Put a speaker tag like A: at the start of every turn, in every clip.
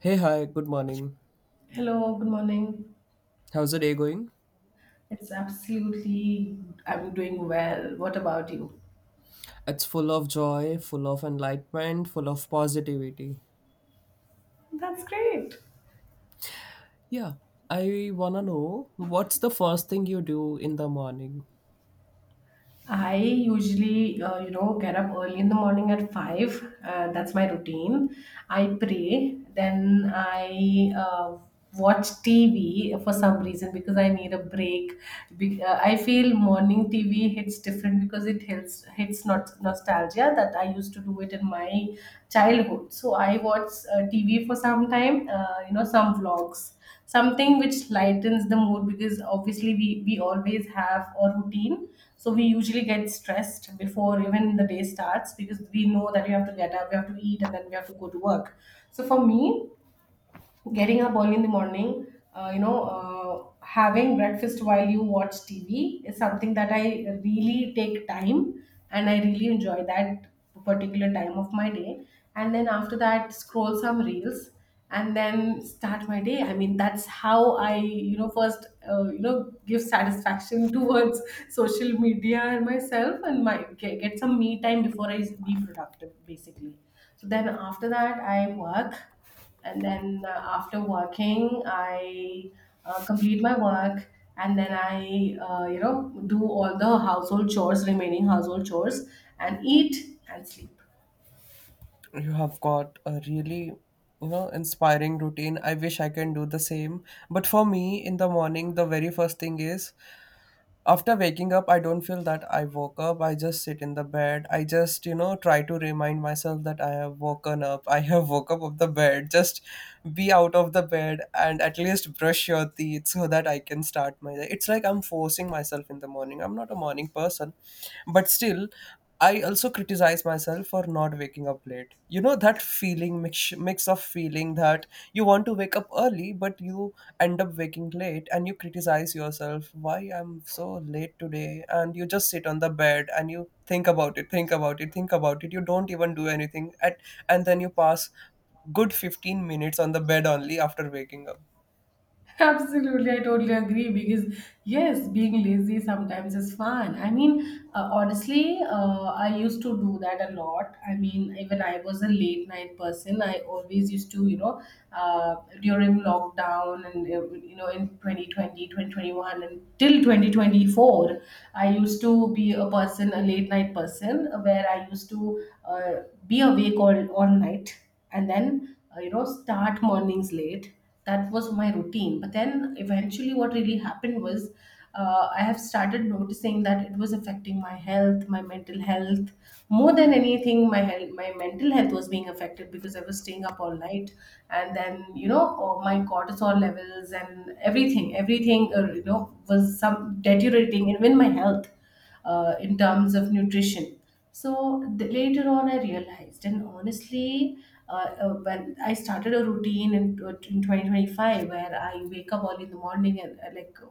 A: Hey, hi, good morning.
B: Hello, good morning.
A: How's the day going?
B: It's absolutely, I'm doing well. What about you?
A: It's full of joy, full of enlightenment, full of positivity.
B: That's great.
A: Yeah, I wanna know what's the first thing you do in the morning?
B: I usually, get up early in the morning at 5. That's my routine. I pray, then I watch TV for some reason because I need a break. I feel morning TV hits different because it hits not nostalgia that I used to do it in my childhood. So I watch TV for some time, some vlogs, something which lightens the mood because obviously we always have a routine. So we usually get stressed before even the day starts because we know that we have to get up, we have to eat, and then we have to go to work. So for me, getting up early in the morning, having breakfast while you watch TV is something that I really take time, and I really enjoy that particular time of my day. And then after that, scroll some reels and then start my day. I mean, that's how I, first, give satisfaction towards social media and myself, and my get some me time before I be productive, basically. So then after that, I work, and then after working I complete my work, and then I do all the household chores remaining household chores and eat and sleep.
A: You have got a really, you know, inspiring routine. I wish I can do the same. But for me, in the morning, the very first thing is, after waking up, I don't feel that I woke up. I just sit in the bed. I just, you know, try to remind myself that I have woken up. I have woke up of the bed. Just be out of the bed and at least brush your teeth so that I can start my day. It's like I'm forcing myself in the morning. I'm not a morning person, but still I also criticize myself for not waking up late. You know that feeling, mix of feeling that you want to wake up early but you end up waking late, and you criticize yourself, why I'm so late today, and you just sit on the bed and you think about it, you don't even do anything at, and then you pass good 15 minutes on the bed only after waking up.
B: Absolutely, I totally agree, because yes, being lazy sometimes is fun. I mean, honestly, I used to do that a lot. I mean, even I was a late night person. I always used to, uh, during lockdown, and in 2020, 2021, and till 2024, I used to be a person, a late night person, where I used to be awake all night, and then start mornings late. That was my routine, but then eventually what really happened was, I have started noticing that it was affecting my health, my mental health. More than anything, my health, my mental health was being affected, because I was staying up all night. And then, oh, my cortisol levels, and everything was some deteriorating, even my health, in terms of nutrition. So later on, I realized, and honestly, uh, when I started a routine in 2025, where I wake up early in the morning and, like,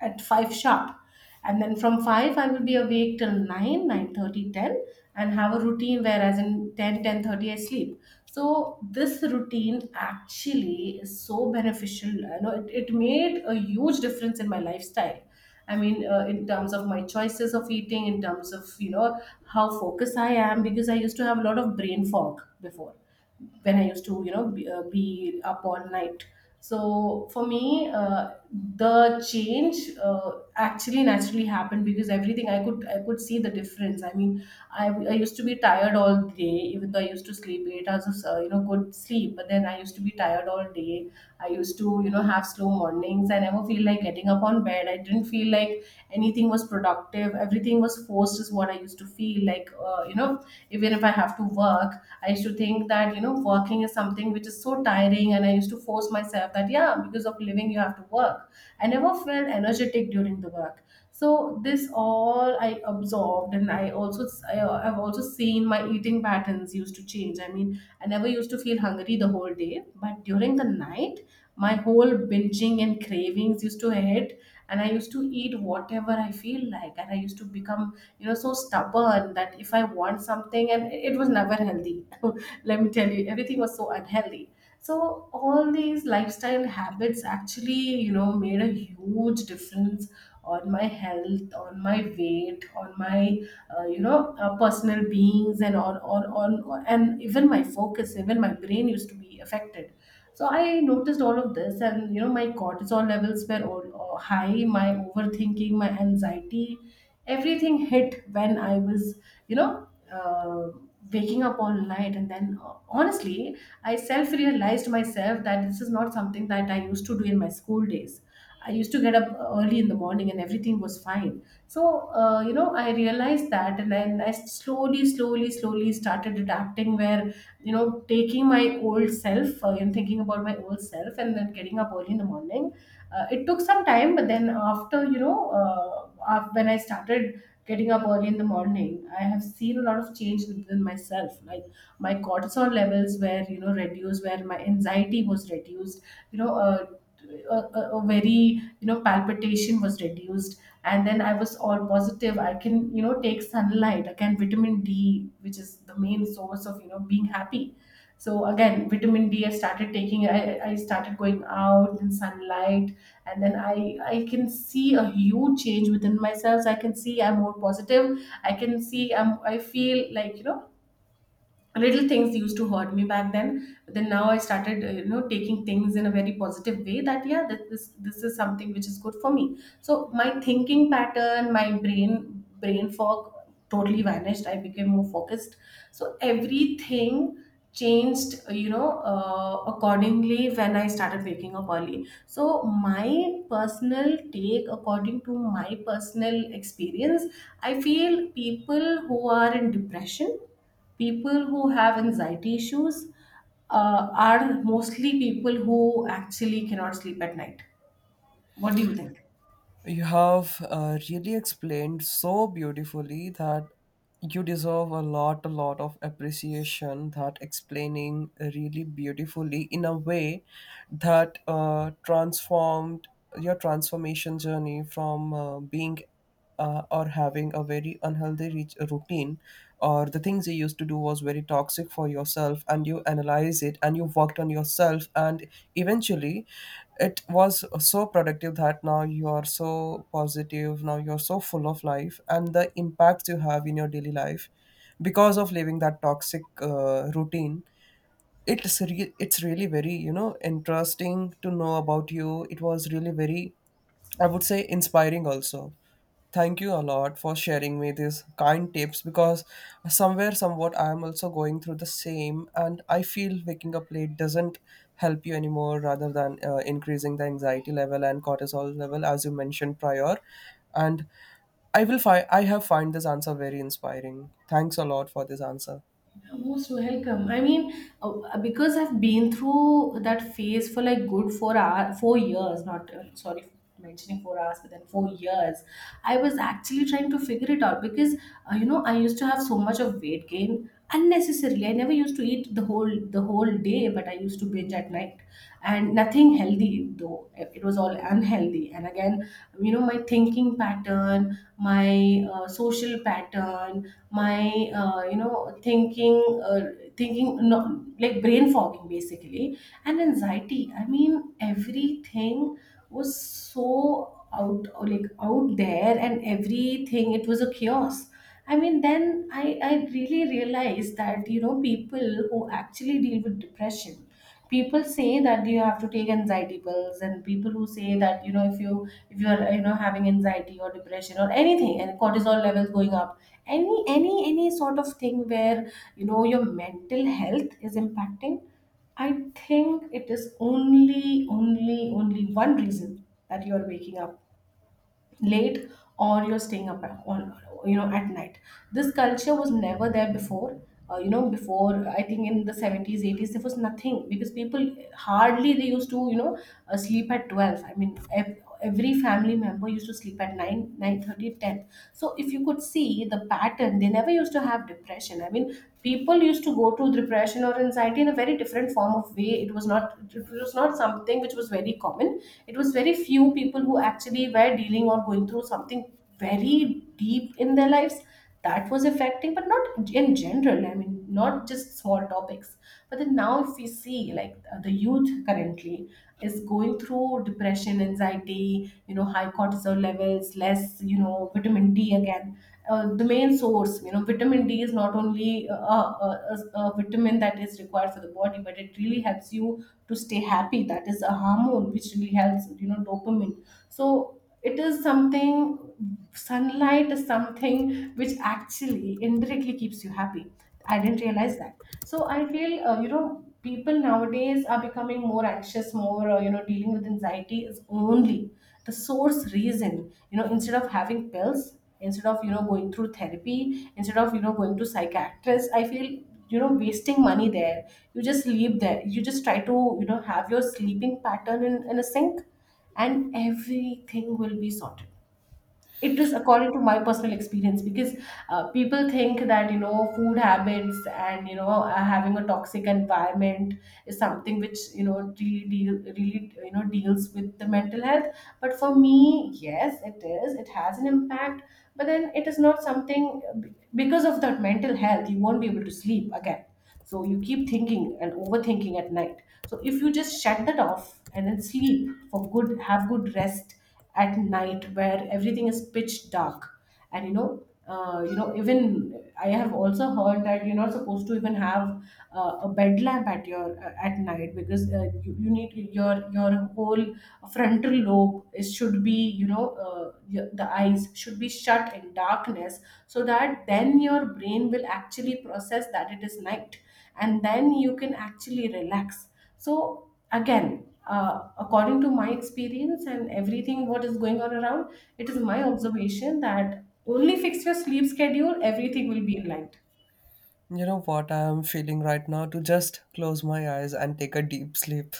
B: at 5 sharp, and then from 5 I will be awake till 9, 9:30, 10, and have a routine, whereas in 10, 10:30 I sleep. So this routine actually is so beneficial. You know, it made a huge difference in my lifestyle. I mean, in terms of my choices of eating, in terms of, how focused I am, because I used to have a lot of brain fog before, when I used to, be up all night. So for me, the change actually naturally happened, because everything, I could see the difference. I mean, I used to be tired all day, even though I used to sleep 8 hours of good sleep. But then I used to be tired all day. I used to, have slow mornings. I never feel like getting up on bed. I didn't feel like anything was productive. Everything was forced, is what I used to feel like. Even if I have to work, I used to think that working is something which is so tiring, and I used to force myself that, yeah, because of living, you have to work. I never felt energetic during the work. So this all I absorbed, and I, I've also seen my eating patterns used to change. I mean, I never used to feel hungry the whole day, but during the night my whole binging and cravings used to hit, and I used to eat whatever I feel like, and I used to become so stubborn that if I want something, and it was never healthy let me tell you, everything was so unhealthy. So all these lifestyle habits actually, made a huge difference on my health, on my weight, on my personal beings, and on and even my focus, even my brain used to be affected. So I noticed all of this, and, my cortisol levels were all high, my overthinking, my anxiety, everything hit when I was, you know, uh, waking up all night. And then, honestly, I self realized myself that this is not something that I used to do in my school days. I used to get up early in the morning, and everything was fine. So, I realized that, and then I slowly, slowly, slowly started adapting, where, taking my old self, and thinking about my old self, and then getting up early in the morning. It took some time, but then after, when I started getting up early in the morning, I have seen a lot of change within myself. Like, my cortisol levels were, reduced, where my anxiety was reduced, you know, uh, a very, palpitation was reduced, and then I was all positive. I can, take sunlight again, vitamin D, which is the main source of, being happy. So again, vitamin D I started taking. I started going out in sunlight, and then I can see a huge change within myself. So I can see I'm more positive, I can see I feel like, little things used to hurt me back then, but then now I started taking things in a very positive way, that yeah, that this is something which is good for me. So my thinking pattern, my brain fog totally vanished. I became more focused. So everything changed accordingly, when I started waking up early. So my personal take, according to my personal experience, I feel people who are in depression, people who have anxiety issues, are mostly people who actually cannot sleep at night. What do you think?
A: You have really explained so beautifully that you deserve a lot of appreciation. That explaining really beautifully in a way that transformed your transformation journey from being or having a very unhealthy routine, or the things you used to do was very toxic for yourself, and you analyze it and you worked on yourself, and eventually it was so productive that now you are so positive, now you're so full of life, and the impacts you have in your daily life because of living that toxic routine, it's really very, you know, interesting to know about you. It was really very, I would say, inspiring also. Thank you a lot for sharing me these kind tips because somewhere, somewhat, I am also going through the same, and I feel waking up late doesn't help you anymore rather than increasing the anxiety level and cortisol level, as you mentioned prior. And I will find, I have find this answer very inspiring. Thanks a lot for this answer.
B: You're most welcome. I mean, because I've been through that phase for like good 4 hours, 4 years. Not sorry, for mentioning 4 hours, but then 4 years. I was actually trying to figure it out because, I used to have so much of weight gain unnecessarily. I never used to eat the whole day, but I used to binge at night, and nothing healthy though. It was all unhealthy. And again, my thinking pattern, my social pattern, my thinking, no, like brain fogging, basically, and anxiety. I mean, everything was so out, like out there, and everything, it was a chaos. I mean then, I really realized that, people who actually deal with depression, people say that you have to take anxiety pills, and people who say that, if you if you're having anxiety or depression or anything, and cortisol levels going up, any sort of thing where, your mental health is impacting. I think it is only only only one reason, that you are waking up late, or you're staying up on, at night. This culture was never there before you know before I think in the 70s, 80s, there was nothing, because people hardly, they used to, sleep at 12. I mean, every family member used to sleep at 9, 9:30, ten. So if you could see the pattern, they never used to have depression. I mean, people used to go to depression or anxiety in a very different form of way. It was not something which was very common. It was very few people who actually were dealing or going through something very deep in their lives that was affecting, but not in general. I mean, not just small topics. But then now if we see, like, the youth currently is going through depression, anxiety, you know, high cortisol levels, less, you know, vitamin D. Again, the main source, you know, vitamin D is not only a vitamin that is required for the body, but it really helps you to stay happy. That is a hormone which really helps, you know, dopamine. So it is something. Sunlight is something which actually indirectly keeps you happy. I didn't realize that. So I feel, you know, people nowadays are becoming more anxious, more, you know, dealing with anxiety is only the source reason, you know. Instead of having pills, instead of, you know, going through therapy, instead of, you know, going to psychiatrist, I feel, you know, wasting money there. You just leave there, you just try to, you know, have your sleeping pattern in a sync, and everything will be sorted. It is according to my personal experience. Because people think that, you know, food habits and, you know, having a toxic environment is something which, you know, really deal, really, you know, deals with the mental health. But for me, yes, it is, it has an impact. But then it is not something. Because of that mental health you won't be able to sleep again, so you keep thinking and overthinking at night. So if you just shut that off and then sleep for good, have good rest at night where everything is pitch dark. And you know, even I have also heard that you're not supposed to even have a bed lamp at your, at night, because you need your whole frontal lobe is should be, you know, your, the eyes should be shut in darkness, so that then your brain will actually process that it is night, and then you can actually relax. So again, according to my experience and everything what is going on around, it is my observation that only fix your sleep schedule, everything will be aligned.
A: You know what I am feeling right now? To just close my eyes and take a deep sleep.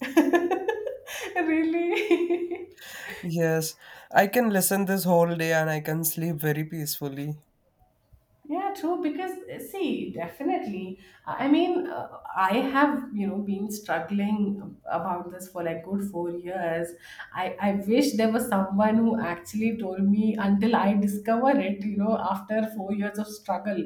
B: Really.
A: Yes, I can listen this whole day and I can sleep very peacefully.
B: Yeah, true. Because, see, definitely. I mean, I have, you know, been struggling about this for like good 4 years. I wish there was someone who actually told me until I discover it. You know, after 4 years of struggle,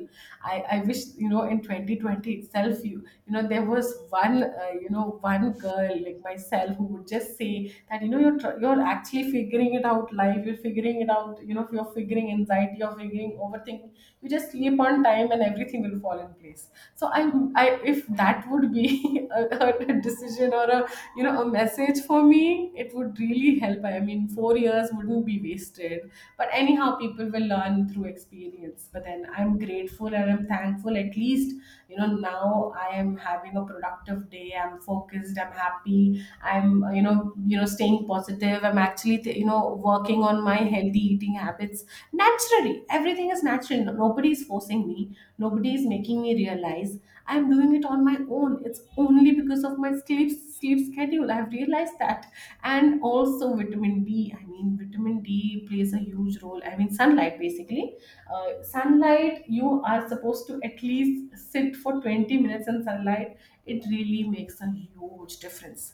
B: I wish, you know, in 2020, you know there was one, you know, one girl like myself who would just say that, you know, you're actually figuring it out life. You're figuring it out. You know, if you're figuring anxiety, you're figuring overthinking, you just sleep on time and everything will fall in place. So I, if that would be a decision or a, you know, a message for me, it would really help. I mean, 4 years wouldn't be wasted. But anyhow, people will learn through experience, but then I'm grateful and I'm thankful. At least, you know, now I am having a productive day, I'm focused, I'm happy, I'm, you know, staying positive, I'm actually, you know, working on my healthy eating habits. Naturally, everything is natural. No, nobody is forcing me, nobody is making me realize. I'm doing it on my own. It's only because of my sleep schedule, I've realized that. And also vitamin D, I mean, vitamin D plays a huge role. I mean, sunlight basically. Sunlight, you are supposed to at least sit for 20 minutes in sunlight. It really makes a huge difference.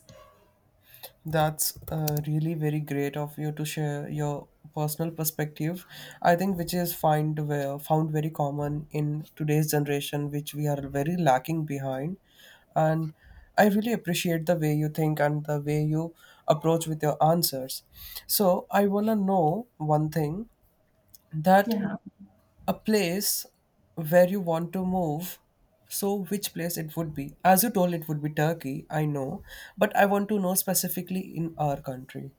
A: That's really very great of you to share your personal perspective. I think which is find found very common in today's generation, which we are very lacking behind. And I really appreciate the way you think and the way you approach with your answers. So I wanna know one thing, that
B: Yeah.
A: a place where you want to move, so which place it would be? As you told, it would be Turkey, I know, but I want to know specifically in our country.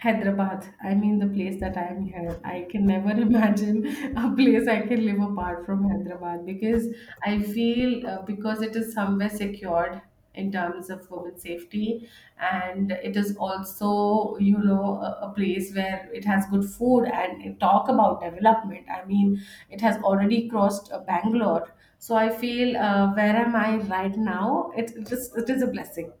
B: Hyderabad. I mean, the place that I'm here. I can never imagine a place I can live apart from Hyderabad, because I feel, because it is somewhere secured in terms of women's safety, and it is also, you know, a place where it has good food and it talk about development. I mean, it has already crossed, Bangalore, so I feel, where am I right now? It just it is a blessing.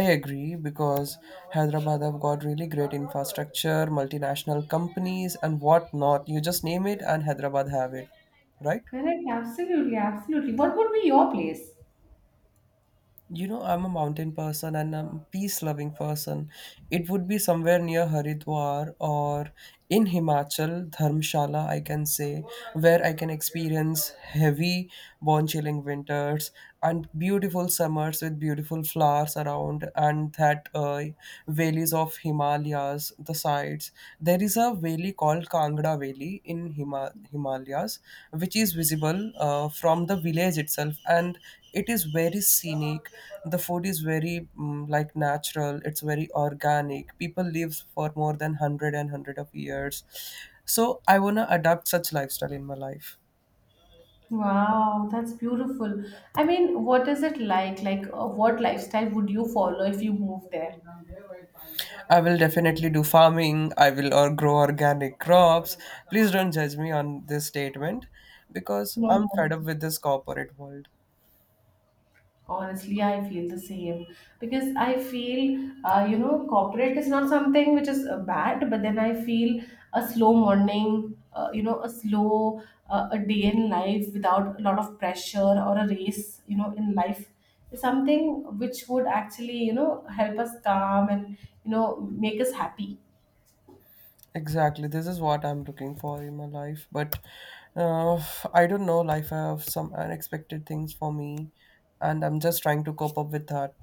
A: I agree because Hyderabad have got really great infrastructure, multinational companies, and whatnot. You just name it and Hyderabad have it, right?
B: Correct. Absolutely. Absolutely. What would be your place?
A: You know, I'm a mountain person and I'm a peace loving person. It would be somewhere near Haridwar or in Himachal, Dharmshala, I can say, where I can experience heavy, bone chilling winters and beautiful summers with beautiful flowers around, and that valleys of Himalayas, the sides. There is a valley called Kangra Valley in Himalayas, which is visible from the village itself, and it is very scenic. The food is very, like, natural. It's very organic. People live for more than 100 of years. So I want to adopt such lifestyle in my life.
B: Wow, that's beautiful. I mean, what is it like? Like, what lifestyle would you follow if you moved there?
A: I will definitely do farming, I will, or grow organic crops. Please don't judge me on this statement because
B: No,
A: I'm fed
B: no.
A: up with this corporate world.
B: Honestly, I feel the same, because I feel, you know, corporate is not something which is, bad, but then I feel a slow morning, you know, a slow, a day in life without a lot of pressure or a race, you know, in life is something which would actually, you know, help us calm and, you know, make us happy.
A: Exactly. This is what I'm looking for in my life. But uh, I don't know. Life have some unexpected things for me, and I'm just trying to cope up with that.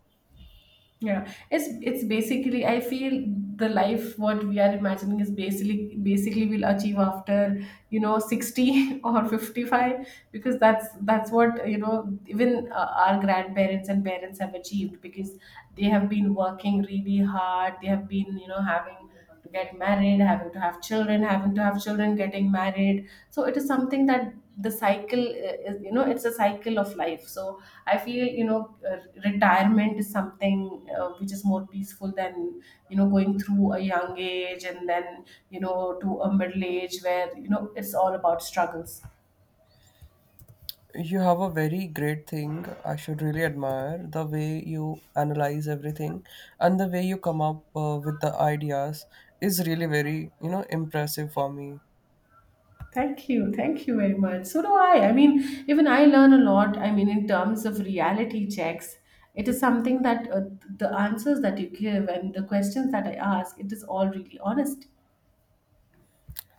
B: Yeah, it's basically I feel the life what we are imagining is basically we'll achieve after, you know, 60 or 55, because that's what you know, even, our grandparents and parents have achieved, because they have been working really hard, they have been, you know, having to get married, having to have children, having to have children, getting married. So it is something that the cycle, is, you know, it's a cycle of life. So I feel, you know, retirement is something, which is more peaceful than, you know, going through a young age and then, you know, to a middle age where, you know, it's all about struggles.
A: You have a very great thing. I should really admire the way you analyze everything, and the way you come up with the ideas is really very, you know, impressive for me.
B: Thank you very much. So do I. I mean, even I learn a lot. I mean, in terms of reality checks, it is something that, the answers that you give and the questions that I ask, it is all really honest.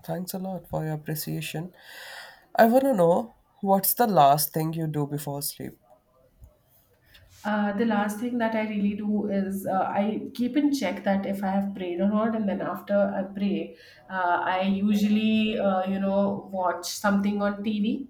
A: Thanks a lot for your appreciation. I wanna know what's the last thing you do before sleep.
B: The last thing that I really do is, I keep in check that if I have prayed or not, and then after I pray, I usually, you know, watch something on TV,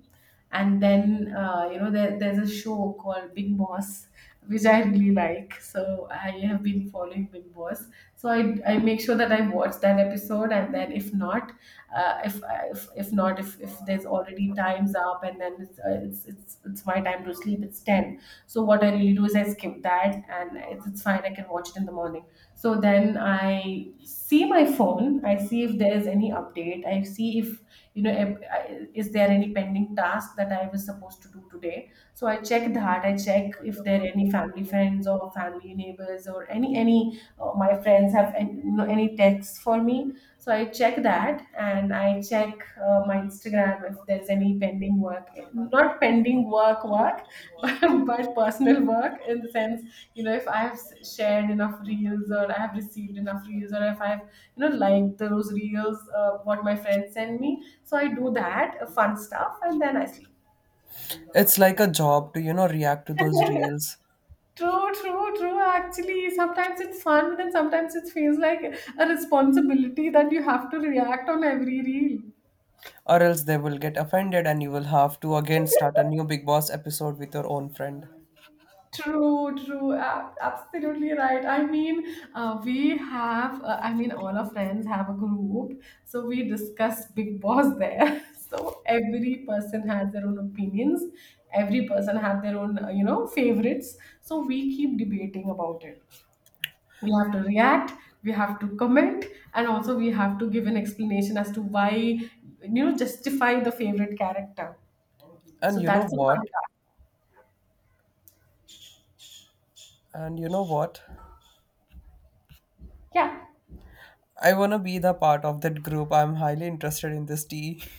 B: and then, you know, there's a show called Big Boss which I really like. So I have been following Big Boss. So I make sure that I watch that episode, and then if not, uh, if, if not if if there's already times up, and then it's my time to sleep. It's 10, so what I really do is I skip that, and it's fine. I can watch it in the morning. So then I see my phone. I see if there's any update. I see if, you know, is there any pending task that I was supposed to do today. So I check that. I check if there are any family friends or family neighbors or my friends have any, you know, any texts for me. So I check that and I check, my Instagram if there's any pending work. Not pending work work, but personal work in the sense, you know, if I have shared enough reels, or I have received enough reels, or if I've, you know, liked those reels, what my friends send me. So I do that, fun stuff, and then I sleep.
A: It's like a job to, you know, react to those reels,
B: True, true, true. Actually, sometimes it's fun, but then sometimes it feels like a responsibility that you have to react on every reel.
A: or else they will get offended and you will have to again start a new Big Boss episode with your own friend.
B: True, true. Absolutely right. I mean, I mean, all our friends have a group. So we discuss Big Boss there. So every person has their own opinions. Every person have their own, you know, favorites. So we keep debating about it. We have to react, we have to comment, and also we have to give an explanation as to why, you know, justify the favorite character.
A: And
B: So
A: you know
B: that's a fun
A: what?
B: task.
A: And you know what?
B: Yeah.
A: I want to be the part of that group. I'm highly interested in this tea.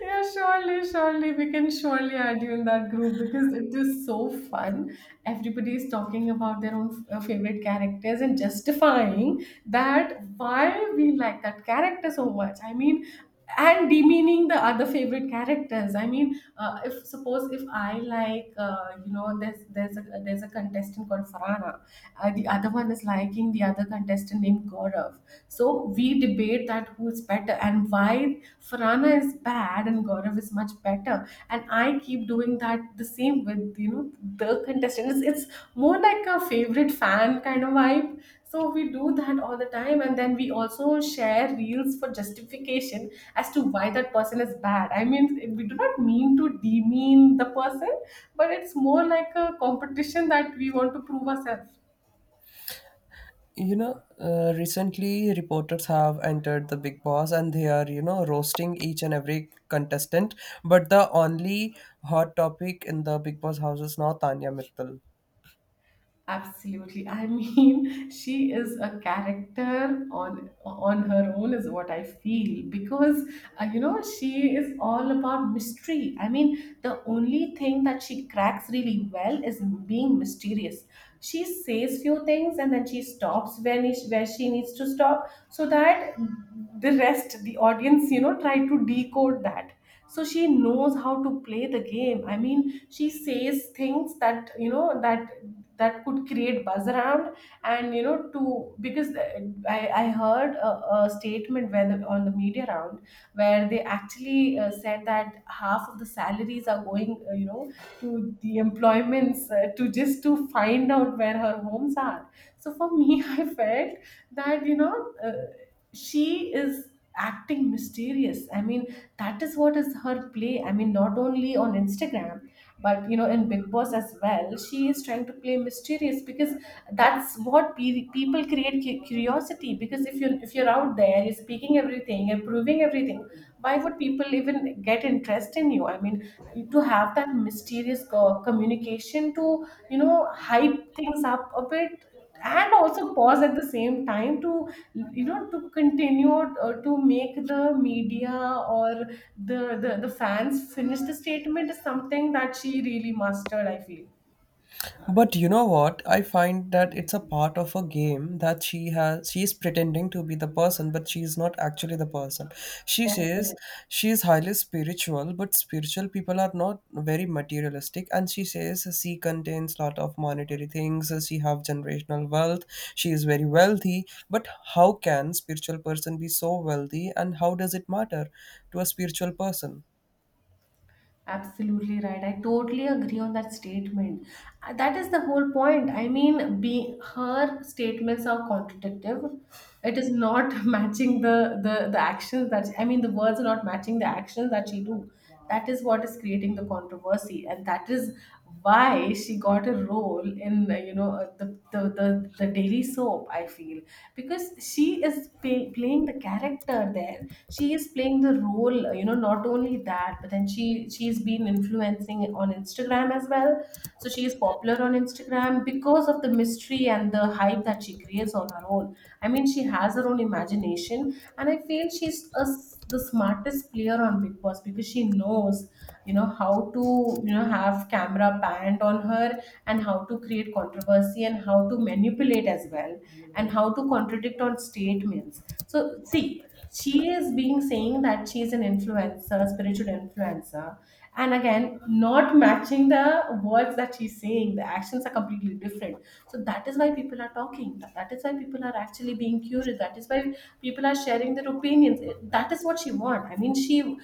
B: Yeah, surely, surely. We can surely add you in that group, because it is so fun. Everybody is talking about their own, favorite characters and justifying that why we like that character so much. I mean, and demeaning the other favorite characters. I mean, if suppose if I like, you know, there's a contestant called Farana. The other one is liking the other contestant named Gaurav. So we debate that who's better and why Farana is bad and Gaurav is much better. And I keep doing that the same with, you know, the contestants. It's more like a favorite fan kind of vibe. So we do that all the time. And then we also share reels for justification as to why that person is bad. I mean, we do not mean to demean the person, but it's more like a competition that we want to prove ourselves.
A: You know, recently reporters have entered the Big Boss, and they are, you know, roasting each and every contestant, but the only hot topic in the Big Boss house is now Tanya Mittal.
B: Absolutely. I mean, she is a character on her own is what I feel, because, you know, she is all about mystery. I mean, the only thing that she cracks really well is being mysterious. She says few things and then she stops where she needs to stop so that the rest, the audience, you know, try to decode that. So she knows how to play the game. I mean, she says things that that could create buzz around and because I heard a statement where on the media round where they actually said that half of the salaries are going to the employments to just to find out where her homes are. So for me I felt that she is acting mysterious. I mean, that is what is her play. I mean, not only on Instagram but in Big Boss as well, she is trying to play mysterious because that's what people create, curiosity, because if you're, if you're out there, you're speaking everything, you're proving everything, why would people even get interest in you? I mean, to have that mysterious communication to, hype things up a bit, and also pause at the same time to, to continue or to make the media or the fans finish the statement is something that she really mastered, I feel.
A: But you know what? I find that it's a part of a game that she has, she's pretending to be the person, but she's not actually the person. She says
B: Definitely.
A: she is highly spiritual, but spiritual people are not very materialistic. And she says she contains lot of monetary things, she have generational wealth, she is very wealthy. But how can spiritual person be so wealthy, and how does it matter to a spiritual person?
B: Absolutely right. I totally agree on that statement. That is the whole point. I mean, be her statements are contradictive. It is not matching the actions that, I mean the words are not matching the actions that she do. That is what is creating the controversy, and that is why she got a role in the daily soap, I feel, because she is playing the character there, she is playing the role. Not only that, but then she's been influencing on Instagram as well. So she is popular on Instagram because of the mystery and the hype that she creates on her own. I mean, she has her own imagination, and I feel the smartest player on Big Boss, because she knows how to, have camera panned on her, and how to create controversy, and how to manipulate as well, and how to contradict on statements. So see, she is being saying that she's an influencer, spiritual influencer, and again, not matching the words that she's saying. The actions are completely different. So that is why people are talking. That is why people are actually being curious. That is why people are sharing their opinions. That is what she want. I mean, she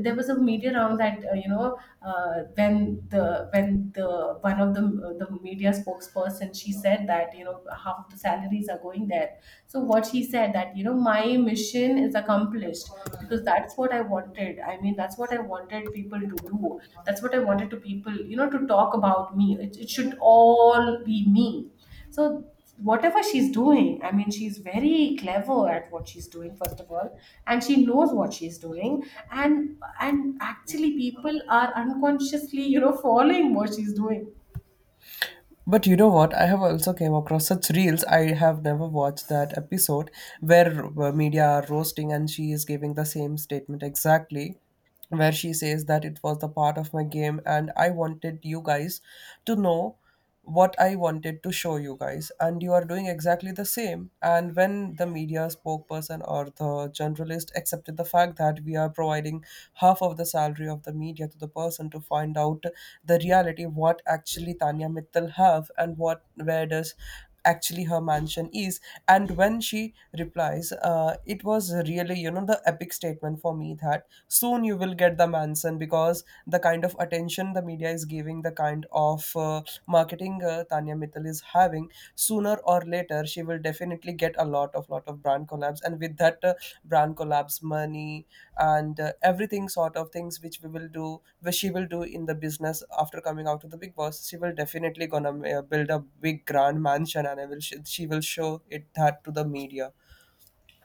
B: there was a media round that, when the, when the one of the media spokesperson, she said that, half of the salaries are going there. So what she said that, my mission is accomplished, because that's what I wanted. I mean, that's what I wanted people to do. That's what I wanted to people, to talk about me. It should all be me. So whatever she's doing, I mean, she's very clever at what she's doing, first of all, and she knows what she's doing. And actually, people are unconsciously, following what she's doing.
A: But you know what? I have also came across such reels. I have never watched that episode where media are roasting and she is giving the same statement exactly, where she says that it was the part of my game and I wanted you guys to know what I wanted to show you guys, and you are doing exactly the same. And when the media spokesperson or the journalist accepted the fact that we are providing half of the salary of the media to the person to find out the reality of what actually Tanya Mittal have, and what, where does actually her mansion is, and when she replies, it was really, you know, the epic statement for me, that soon you will get the mansion, because the kind of attention the media is giving, the kind of marketing Tanya Mittal is having, sooner or later she will definitely get a lot of, lot of brand collabs, and with that brand collabs money and everything sort of things which we will do, which she will do in the business, after coming out of the Big Boss, she will definitely gonna build a big grand mansion, and I will she will show it that to the media.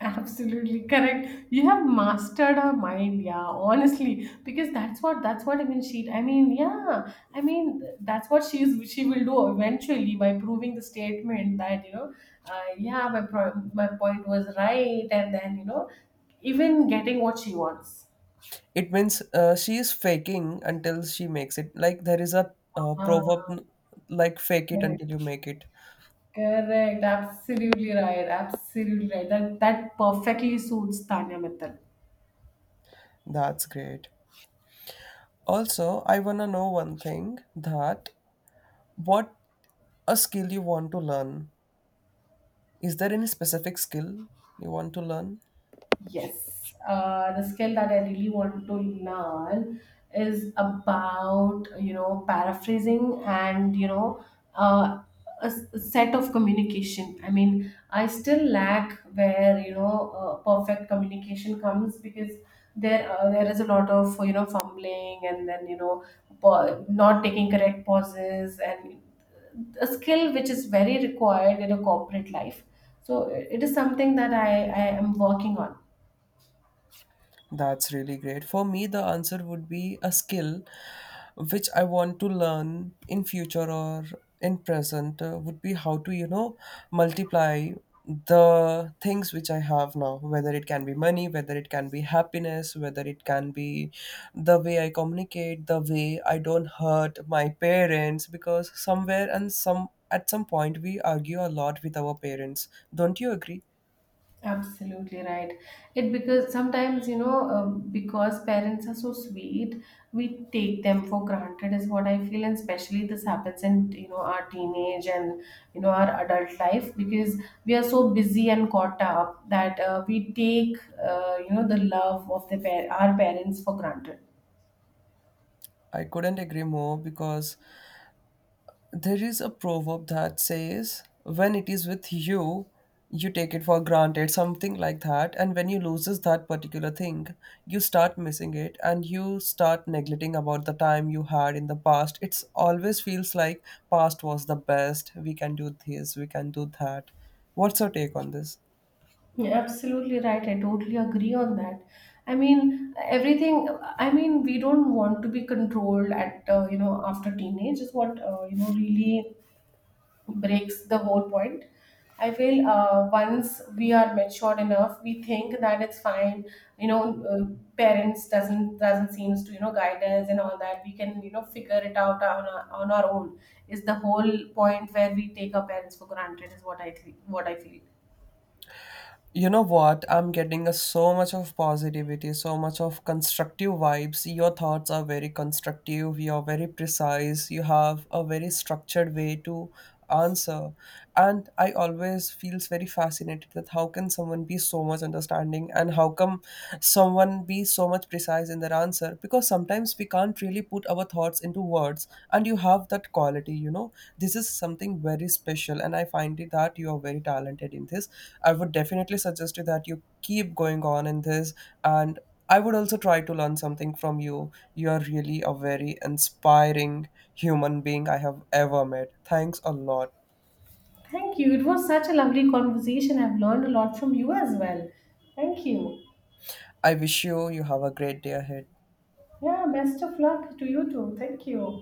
B: Absolutely correct. You have mastered her mind, yeah, honestly, because that's what, that's what I mean. She, I mean, yeah, I mean that's what she will do eventually, by proving the statement that, you know, yeah, my point was right, and then you know, even getting what she wants.
A: It means she is faking until she makes it, like there is a
B: Ah,
A: proverb, like, fake it
B: correct,
A: until you make it.
B: correct, absolutely right, absolutely right. That perfectly suits Tanya Mittal.
A: That's great. Also, I want to know one thing, that what a skill you want to learn. Is there any specific skill you want to learn?
B: Yes, the skill that I really want to learn is about, you know, paraphrasing, and you know, uh, a set of communication. I mean, I still lack where, you know, perfect communication comes, because there is a lot of, you know, fumbling, and then you know, not taking correct pauses, and a skill which is very required in a corporate life. So it is something that I am working on.
A: That's really great. For me, the answer would be a skill which I want to learn in future or in present, would be how to, you know, multiply the things which I have now, whether it can be money, whether it can be happiness, whether it can be the way I communicate, the way I don't hurt my parents, because somewhere and some, at some point we argue a lot with our parents. Don't you agree?
B: Absolutely right. It because sometimes because parents are so sweet, we take them for granted is what I feel, and especially this happens in, you know, our teenage, and you know, our adult life, because we are so busy and caught up that we take, the love of the our parents for granted.
A: I couldn't agree more because there is a proverb that says, when it is with you, you take it for granted, something like that. And when you loses that particular thing, you start missing it and you start neglecting about the time you had in the past. It's always feels like past was the best. We can do this, we can do that. What's your take on this?
B: Yeah, absolutely right. I totally agree on that. I mean, everything. I mean, we don't want to be controlled at, after teenage is what, really breaks the whole point. I feel once we are matured enough, we think that it's fine. You know, uh, parents doesn't seems to, you know, guide us and all that. We can, you know, figure it out on on our own. Is the whole point where we take our parents for granted is what I think. What I feel.
A: You know what? I'm getting a, so much of positivity, so much of constructive vibes. Your thoughts are very constructive, you're very precise, you have a very structured way to answer. And I always feels very fascinated that how can someone be so much understanding, and how come someone be so much precise in their answer? Because sometimes we can't really put our thoughts into words, and you have that quality, you know. This is something very special, and I find it that you are very talented in this. I would definitely suggest you that you keep going on in this, and I would also try to learn something from you. You are really a very inspiring human being I have ever met. Thanks a lot.
B: Thank you. It was such a lovely conversation. I've learned a lot from you as well. Thank you.
A: I wish you, have a great day ahead.
B: Yeah, best of luck to you too. Thank you.